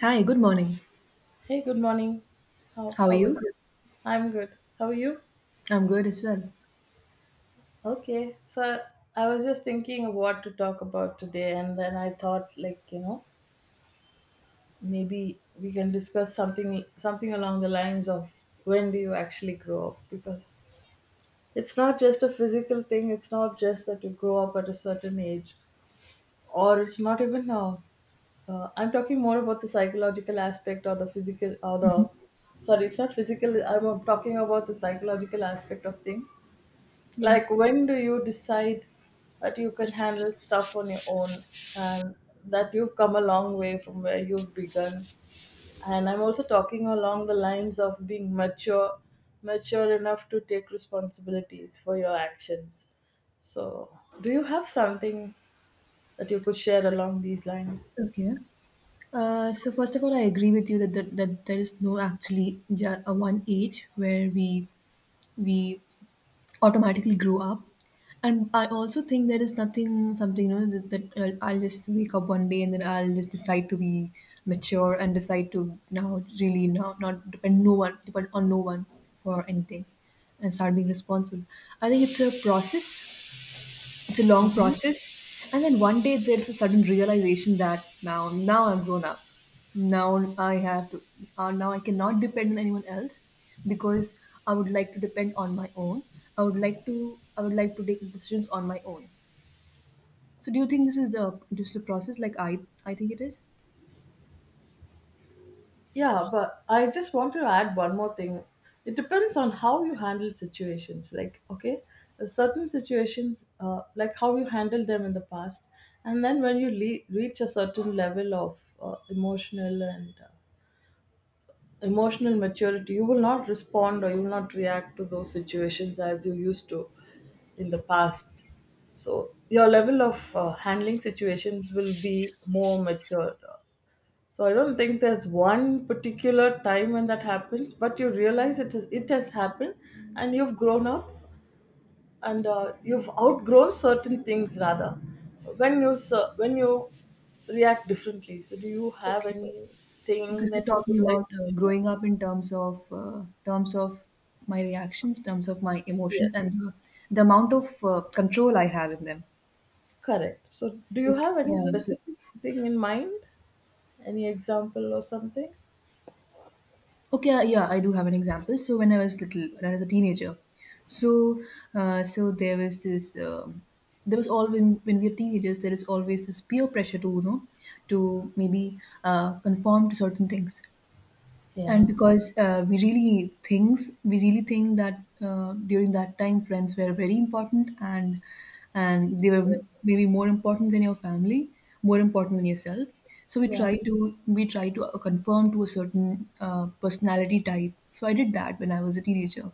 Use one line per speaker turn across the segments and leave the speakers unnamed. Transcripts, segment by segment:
Hi, good morning.
Hey, good morning. How
How are
how was
you?
it? I'm good. How are you?
I'm good as well.
Okay. So I was just thinking of what to talk about today, and then I thought, like, you know, maybe we can discuss something along the lines of when do you actually grow up? Because it's not just a physical thing. It's not just that you grow up at a certain age, or it's not even I'm talking more about the psychological aspect, or the physical, or the,
Mhm.
sorry, it's not physical, I'm talking about the psychological aspect of thing,
Yeah.
like when do you decide that you can handle stuff on your own, and that you've come a long way from where you've begun, and I'm also talking along the lines of being mature, mature enough to take responsibilities for your actions. So, do you have something that you could share along these lines?
Okay. So first of all, I agree with you that there is no actually a one age where we automatically grow up, and I also think there is nothing something that I'll just wake up one day and then I'll just decide to be mature and decide to now really now not depend no one depend on no one for anything and start being responsible. I think it's a process. It's a long process, and then one day there's a sudden realization that now I'm grown up. Now I have to now I cannot depend on anyone else, because I would like to depend on my own. i would like to I would like to take decisions on my own. So do you think this is the process? Like I think it is.
Yeah, but I just want to add one more thing. It depends on how you handle situations. Like, okay, certain situations, like how you handled them in the past, and then when reach a certain level of emotional maturity, you will not respond or you will not react to those situations as you used to in the past. So your level of handling situations will be more mature. So I don't think there's one particular time when that happens, but you realize it has happened, and you've grown up, and you've outgrown certain things rather. When you react differently. So do you have
Okay,
anything
because we are
that you would
talking
like
about
to share?
growing up in terms of terms of my reactions, terms of my
Yes,
emotions, and the amount of control I have in them.
correct. So do you
Okay.
have any
Yeah, so.
specific thing in mind? Any example or something?
Okay, yeah, I do have an example. So when I was little, when I was a teenager, so so there was always, when we are teenagers, there is always this peer pressure to to maybe conform to certain things. And
Yeah.
because we really think that during that time friends were very important, and they were maybe more important than your family, more important than yourself. So
Yeah.
we try to conform to a certain personality type. So I did that when I was a teenager,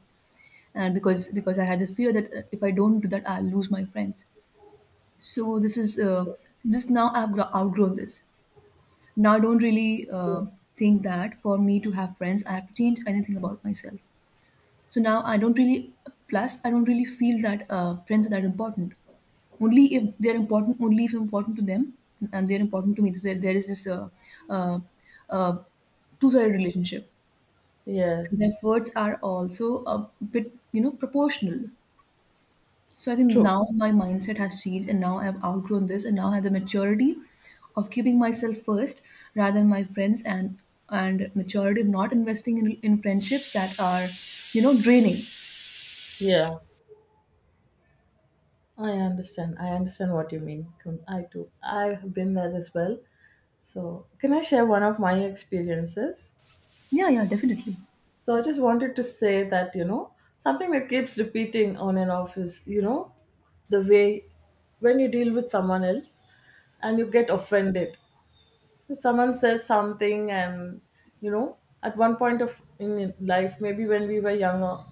and because I had the fear that if I don't do that, I'll lose my friends. So this is just now I've outgrown this. Now, I don't really think that for me to have friends, I have to change anything about myself. So now I don't really, plus, I don't really feel that friends are that important. Only if they're important, only if I'm important to them and they're important to me. So there is this uh, uh, two sided relationship. And the
Yes.
efforts are also a bit, proportional. So I think
True.
now my mindset has changed, and now I've outgrown this, and now I have the maturity of keeping myself first rather than my friends, and maturity of not investing in friendships that are draining.
Yeah. I understand. I understand what you mean. I too. I've been there as well. So, can I share one of my experiences?
Yeah, yeah, definitely.
So, I just wanted to say that, you know, something that keeps repeating on and off is, you know, the way when you deal with someone else and you get offended. Someone says something, and, you know, at one point of in life, maybe when we were younger.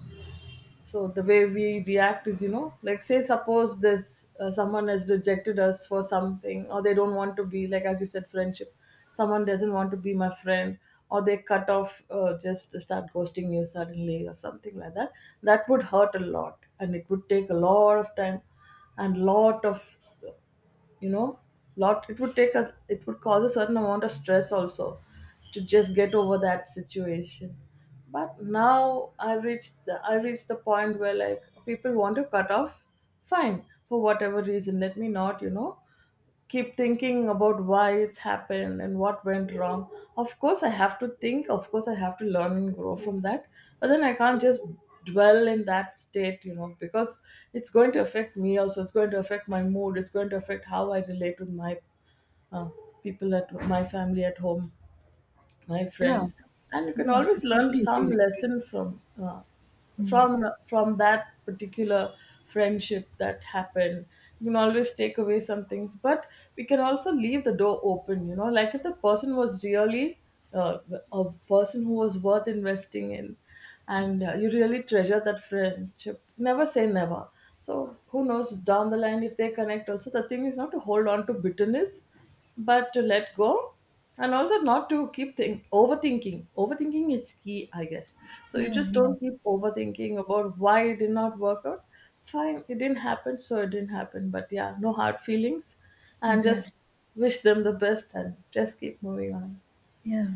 So the way we react is, you know, like, say, suppose this, someone has rejected us for something, or they don't want to be, like, as you said, friendship, someone doesn't want to be my friend, or they cut off, just start ghosting you suddenly or something like that. That would hurt a lot, and it would take a lot of time, and lot of, uh, you know lot it would cause a certain amount of stress also, to just get over that situation. But now I reached the point where, like, people want to cut off, fine, for whatever reason. Let me not, keep thinking about why it's happened and what went wrong. Of course, I have to think. Of course, I have to learn and grow from that. But then I can't just dwell in that state, you know, because it's going to affect me also. It's going to affect my mood. It's going to affect how I relate with my uh, people at my family at home, my
Yeah,
friends. And you can
yeah, I
always learn
totally agree
some
with
lesson from
you. Mm.
from that particular friendship that happened. You can always take away some things, but we can also leave the door open, you know, like, if the person was really uh, a person who was worth investing in, and you really treasure that friendship, never say never. So who knows, down the line, if they connect. Also, the thing is not to hold on to bitterness, but to let go. And also, not to keep think overthinking. Overthinking is key, I guess. So you
Yeah,
just
yeah,
don't keep overthinking about why it did not work out. Fine, it didn't happen, so it didn't happen, but, yeah, no hard feelings, and just
exactly.
wish them the best and just keep moving on,
Yeah.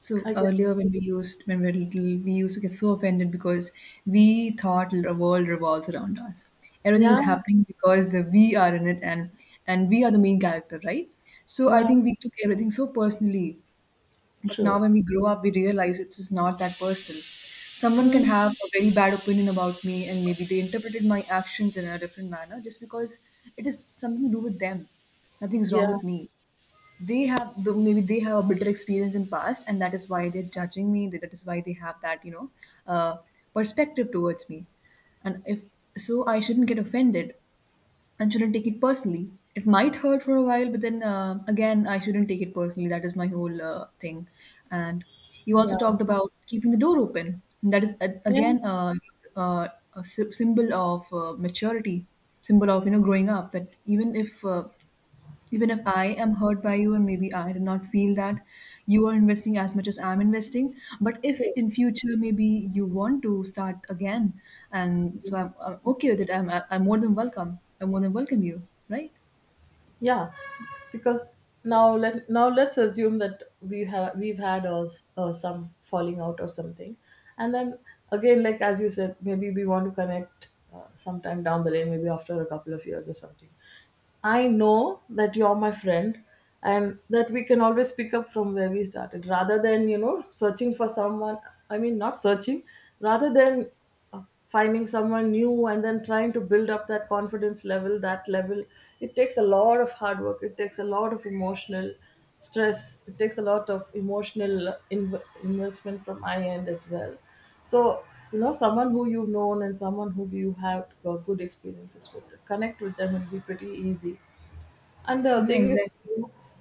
So
I guess.
earlier when we were little, we used to get so offended because we thought the world revolves around us. Everything
Yeah,
is happening because we are in it, and we are the main character, right? So I
yeah,
think we took everything so personally. But now
true.
when we grow up, we realize it is not that personal. Someone can
Hmm.
have a very bad opinion about me, and maybe they interpreted my actions in a different manner just because it is something to do with them. Nothing's wrong
Yeah,
with me. Maybe they have a bitter experience in past, and that is why they're judging me. That is why they have that uh, perspective towards me. And if. So I shouldn't get offended and shouldn't take it personally. It might hurt for a while, but then again I shouldn't take it personally. That is my whole thing. And you also talked
yeah,
about keeping the door open. That is uh,
yeah,
again uh, uh, a symbol of maturity, symbol of growing up, that even if I am hurt by you, and maybe I did not feel that you are investing as much as I'm investing. But if in future maybe you want to start again, and so I'm okay with it. I'm more than welcome. I'm more than welcome you, right?
yeah. Because now let's assume that we've had, some falling out or something, and then, again, like as you said, maybe we want to connect, sometime down the lane, maybe after a couple of years or something. I know that you're my friend, and that we can always pick up from where we started rather than, you know, searching for someone. I mean, not searching, rather than finding someone new and then trying to build up that confidence level, that level. It takes a lot of hard work, it takes a lot of emotional stress, it takes a lot of emotional investment from my end as well. So, you know, someone who you've known and someone who you have good experiences with, connect with them will be pretty easy. And the
Yeah,
thing is,
exactly.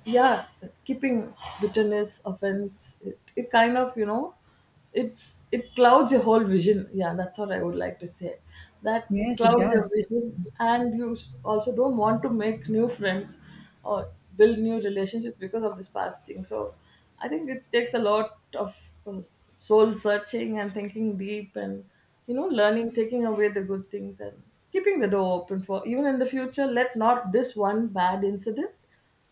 yeah, keeping bitterness, offense, it kind of, you know, it clouds your whole vision. Yeah, that's what I would like to say. That
Yes, it
clouds your
does.
vision, and you also don't want to make new friends or build new relationships because of this past thing. So, I think it takes a lot of uh, soul searching and thinking deep, and, you know, learning, taking away the good things and keeping the door open for even in the future. Let not this one bad incident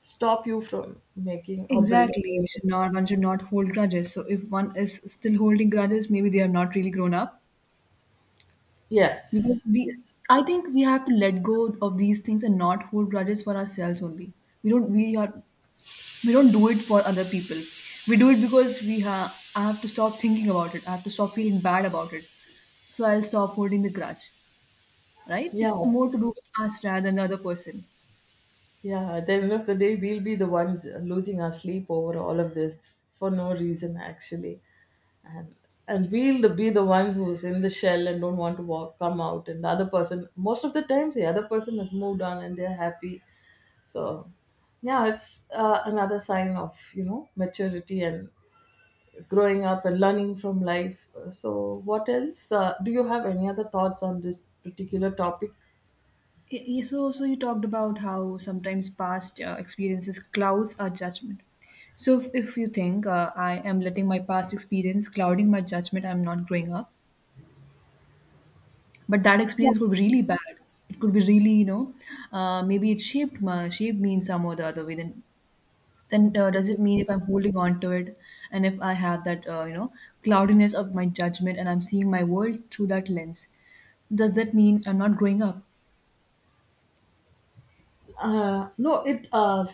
stop you from making or building.
Exactly. We should not, one should not hold grudges. So if one is still holding grudges, maybe they are not really grown up. Because
Yes.
we
Yes.
I think we have to let go of these things and not hold grudges for ourselves only. We don't, we are, we don't do it for other people. We do it because I have to stop thinking about it. I have to stop feeling bad about it. So I'll stop holding the grudge, right?
Yeah.
It's more to do with us rather than the other person.
Yeah. At the end of the day, we'll be the ones losing our sleep over all of this for no reason, actually. and and be the ones who's in the shell and don't want to walk come out, and the other person, most of the times, the other person has moved on and they're happy. So, yeah, it's another sign of, you know, maturity and growing up and learning from life. So what else, do you have any other thoughts on this particular topic?
So you talked about how sometimes past experiences clouds our judgment. So, if you think I am letting my past experience clouding my judgment, I'm not growing up. But that experience could be really bad. It could be really, maybe it shaped me in some or the other way. Then does it mean if I'm holding on to it, and if I have that, cloudiness of my judgment, and I'm seeing my world through that lens, does that mean I'm not growing up?
No, it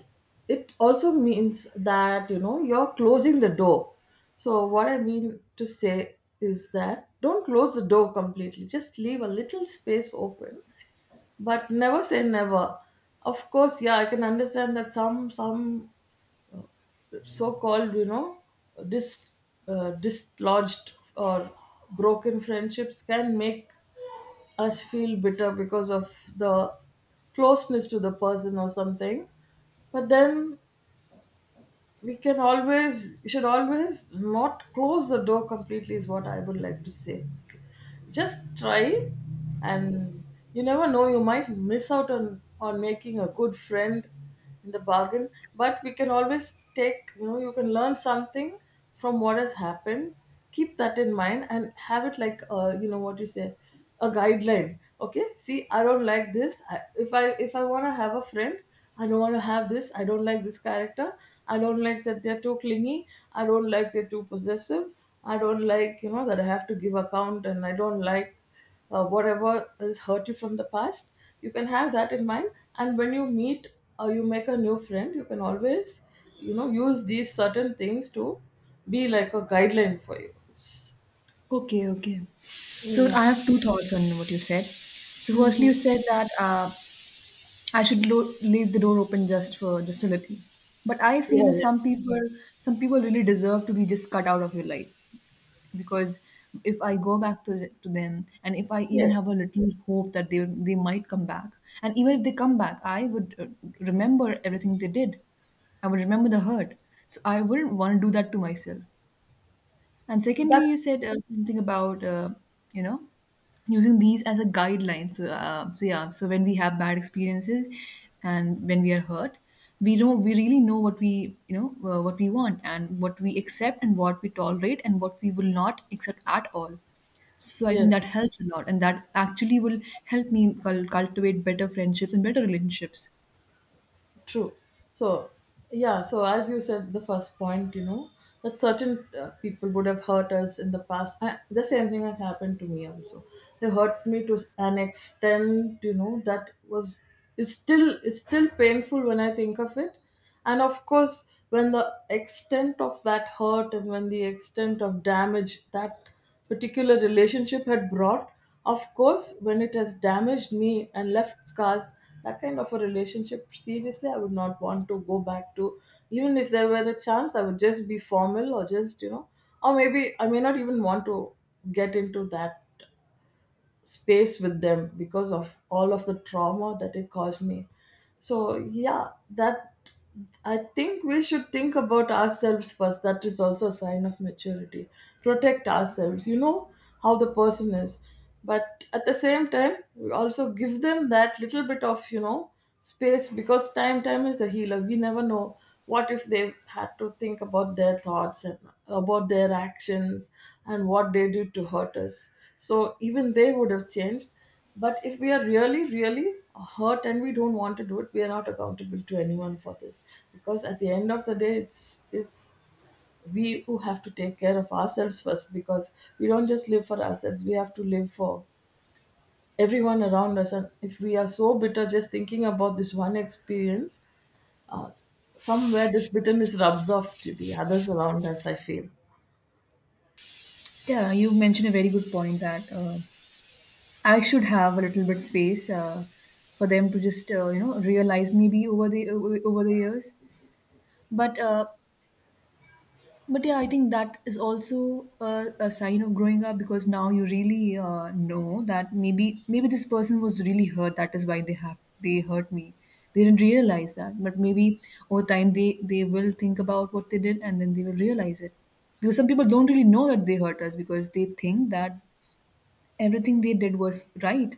it also means that, you know, you're closing the door. So what I mean to say is that don't close the door completely. Just leave a little space open, but never say never. Of course, yeah, I can understand that some so-called, you know, dis dislodged or broken friendships can make us feel bitter because of the closeness to the person or something. But then we can always, should always not close the door completely, is what I would like to say. Just try, and you never know, you might miss out on making a good friend in the bargain. But we can always take, you know, you can learn something from what has happened. Keep that in mind and have it like, you know, what you say, a guideline. Okay, see, I don't like this. If I want to have a friend, I don't want to have this. I don't like this character. I don't like that they're too clingy. I don't like they're too possessive. I don't like, you know, that I have to give account, and I don't like whatever has hurt you from the past. You can have that in mind. And when you meet or you make a new friend, you can always, you know, use these certain things to be like a guideline for you.
Okay, okay. So I
Yeah.
have two thoughts on what you said. So firstly, you
Hmm.
said that I should leave the door open, just for just a little. But I
Yeah.
feel that
Yeah.
some people really deserve to be just cut out of your life, because if I go back to them, and if I even have
Yes.
a little hope that they might come back, and even if they come back, I would remember everything they did. I would remember the hurt. So I wouldn't want to do that to myself. And secondly,
That's
you said something about you know using these as a guideline. So yeah, so when we have bad experiences and when we are hurt, we really know what we what we want and what we accept and what we tolerate and what we will not accept at all. So I think
Yes.
that helps a lot, and that actually will help me cultivate better friendships and better relationships.
True. So, yeah, so as you said, the first point, you know, that certain people would have hurt us in the past. I, the same thing has happened to me also. They hurt me to an extent, you know, that was is still painful when I think of it. And, of course, when the extent of that hurt, and when the extent of damage that particular relationship had brought, of course, when it has damaged me and left scars, that kind of a relationship, seriously, I would not want to go back to. Even if there were a chance, I would just be formal, or just, you know, or maybe I may not even want to get into that space with them because of all of the trauma that it caused me. So, yeah, that, I think we should think about ourselves first. That is also a sign of maturity. Protect ourselves, you know, how the person is. But at the same time, we also give them that little bit of, you know, space, because time is the healer. We never know, what if they had to think about their thoughts and about their actions, and what they did to hurt us, so even they would have changed. But if we are really, really hurt and we don't want to do it, we are not accountable to anyone for this. Because at the end of the day, it's we who have to take care of ourselves first because we don't just live for ourselves, we have to live for everyone around us. And if we are so bitter just thinking about this one experience, uh, somewhere this bitterness rubs off to the others around us, I feel.
Yeah, you mentioned a very good point that I should have a little bit space for them to just realize maybe over over the years. But uh, but yeah, I think that is also a sign of growing up, because now you really know that maybe this person was really hurt. That is why they hurt me. They didn't realize that, but maybe over time they will think about what they did, and then they will realize it. Because some people don't really know that they hurt us, because they think that everything they did was right.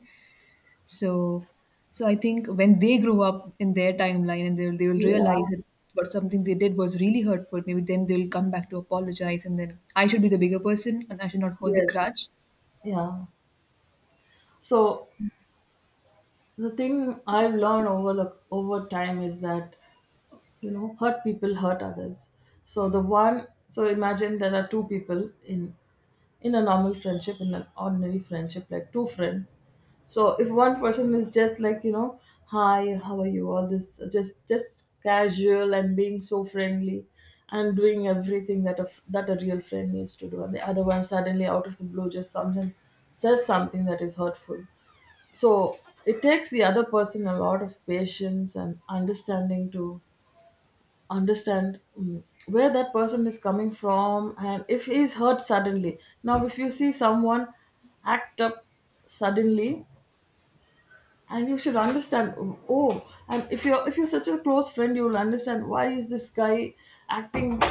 So so I think when they grow up in their timeline, and they'll realize
Yeah.
that what something they did was really hurtful, maybe then they'll come back to apologize, and then I should be the bigger person and I should not hold the
Yes.
grudge.
Yeah. So the thing I've learned over time is that you know hurt people hurt others. So the one, so imagine there are two people in a normal friendship, in an ordinary friendship, like two friends. So if one person is just like, you know, hi, how are you, all this, just casual and being so friendly and doing everything that that a real friend needs to do, and the other one suddenly out of the blue just comes and says something that is hurtful. So it takes the other person a lot of patience and understanding to understand where that person is coming from and if he is hurt suddenly. Now if you see someone act up suddenly, and you should understand. Oh, and if you're such a close friend, you'll understand why is this guy acting,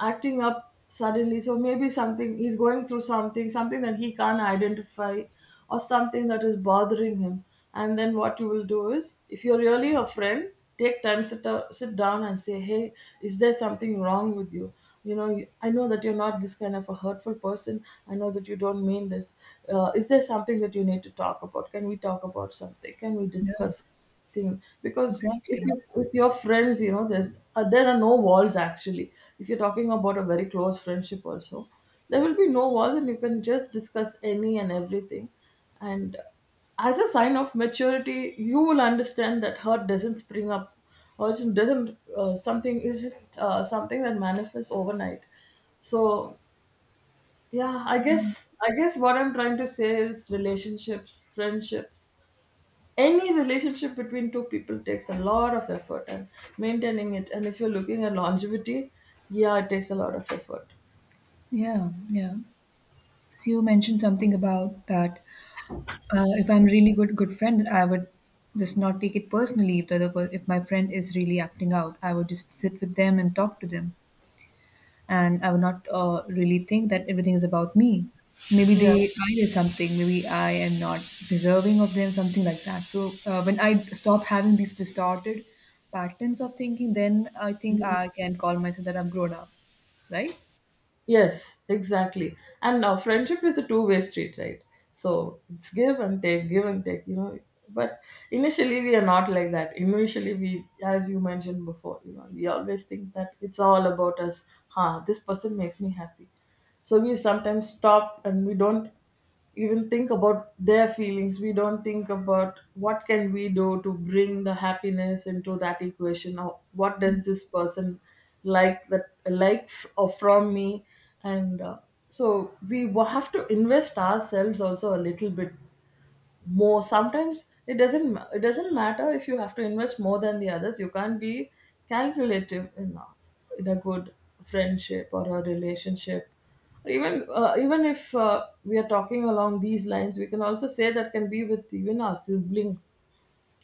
acting up suddenly. So maybe something he's going through, something that he can't identify or something that is bothering him. And then what you will do, is if you're really a friend, take time, sit down and say, hey, is there something wrong with you? You know, I know that you're not this kind of a hurtful person. I know that you don't mean this. Is there something that you need to talk about? Can we talk about something? Can we
Yeah,
discuss thing? Because if
exactly.
you, with your friends, you know, there's there are no walls actually. If you're talking about a very close friendship also, there will be no walls and you can just discuss any and everything. And as a sign of maturity, you will understand that hurt doesn't spring up, or it doesn't something isn't something that manifests overnight. So yeah, I guess what I'm trying to say is relationships, friendships, any relationship between two people takes a lot of effort, and maintaining it, and if you're looking at longevity, yeah, it takes a lot of effort.
Yeah, yeah. So you mentioned something about that. If I'm really good friend, I would just not take it personally if the if my friend is really acting out. I would just sit with them and talk to them, and I would not really think that everything is about me. Maybe
Yeah.
they I did something. Maybe I am not deserving of them. Something like that. So when I stop having these distorted patterns of thinking, then I think I can call myself that I'm grown up, right?
Yes, exactly. And now friendship is a two-way street, right? So it's give and take, you know. But initially we are not like that. Initially we, as you mentioned before, you know, we always think that it's all about us. Huh, this person makes me happy. So we sometimes stop and we don't even think about their feelings. We don't think about what can we do to bring the happiness into that equation, or what does this person like, or from me. And so have to invest ourselves also a little bit more. Sometimes it doesn't matter if you have to invest more than the others. You can't be calculative in a good friendship or a relationship. Or even even if we are talking along these lines, we can also say that can be with even our siblings,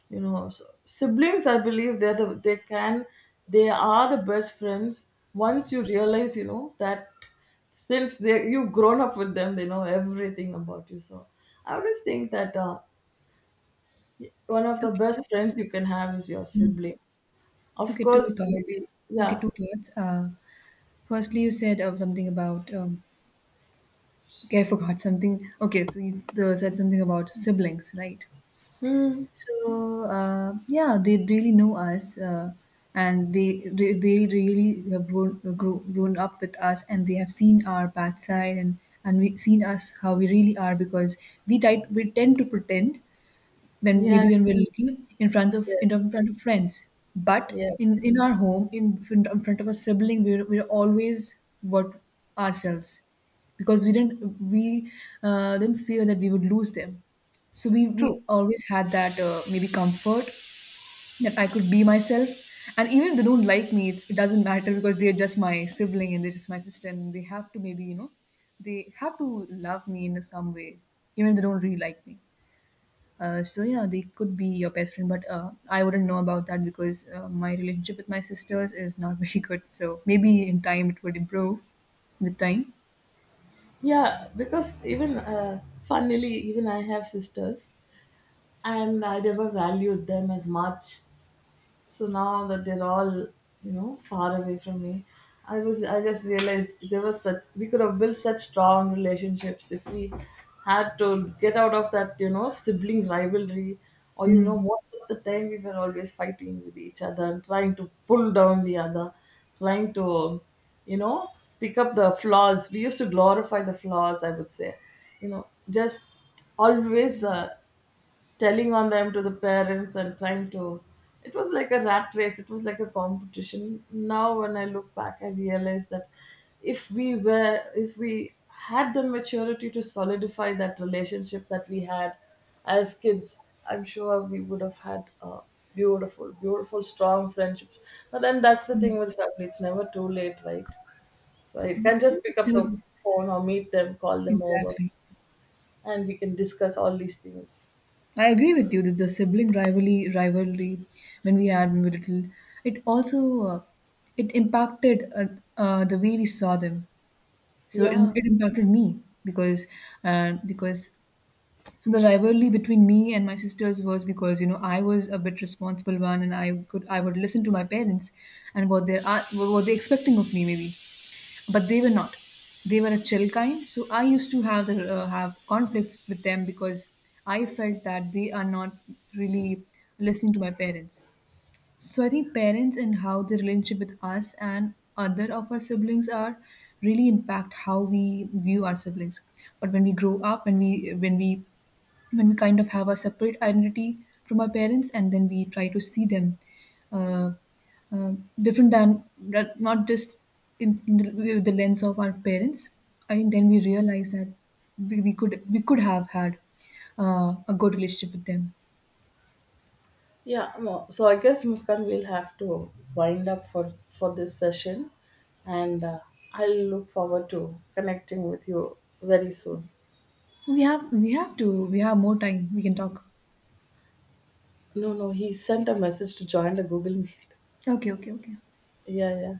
you know. So siblings, I believe they can, they are the best friends once you realize, you know, that since they, you've grown up with them, they know everything about you. So I always think that one of the best
Okay.
friends you can have is your
Mm.
sibling. Of
Okay, two
course,
thoughts.
maybe,
Okay,
yeah.
two thoughts. Firstly, you said something about. Okay, I forgot something. Okay, so you said something about siblings, right?
Hmm.
So, yeah, they really know us, and they really have grown up with us, and they have seen our backside and we seen us how we really are, because we tend to pretend when
Yeah,
maybe when we're little in front of
yeah,
friends, but
yeah,
in our home in front of a sibling we're always what ourselves, because we didn't fear that we would lose them, so we always had that maybe comfort that I could be myself, and even if they don't like me, it doesn't matter because they're just my sibling and they're just my sister, and they have to maybe, they have to love me in some way, even if they don't really like me. So yeah, they could be your best friend, but I wouldn't know about that because my relationship with my sisters is not very good. So maybe in time it would improve with time.
yeah. Because even funnily, even I have sisters, and I never valued them as much. So now that they're all, you know, far away from me, I just realized there was such, we could have built such strong relationships if we had to get out of that, you know, sibling rivalry. Or you
Hmm.
know, most of the time we were always fighting with each other and trying to pull down the other, trying to, you know, pick up the flaws. We used to glorify the flaws, I would say. You know, just always telling on them to the parents and trying to, it was like a rat race, it was like a competition. Now when I look back, I realize that if we had the maturity to solidify that relationship that we had as kids, I'm sure we would have had beautiful, beautiful strong friendships. But then that's the thing with family, it's never too late, right? So you can just pick
Yes, they
up the
would.
phone, or meet them, call them over,
Exactly.
and we can discuss all these things.
I agree with you that the sibling rivalry when we were little, it also it impacted the way we saw them. So it,
Yeah.
it impacted me because so the rivalry between me and my sisters was because I was a bit responsible one, and I would listen to my parents and what they're expecting of me, maybe, but they were not. They were a chill kind, so I used to have conflicts with them because I felt that they are not really listening to my parents. So I think parents and how the relationship with us and other of our siblings are really impact how we view our siblings. But when we grow up, when we kind of have a separate identity from our parents, and then we try to see them uh, uh, different than not just with the lens of our parents. I think then we realize that we could have had a good relationship with them.
Yeah, no, so I guess Muskan will have to wind up for this session, and I'll look forward to connecting with you very soon.
We have more time. We can talk.
No, no, he sent a message to join the Google Meet.
Okay, okay, okay.
Yeah, yeah.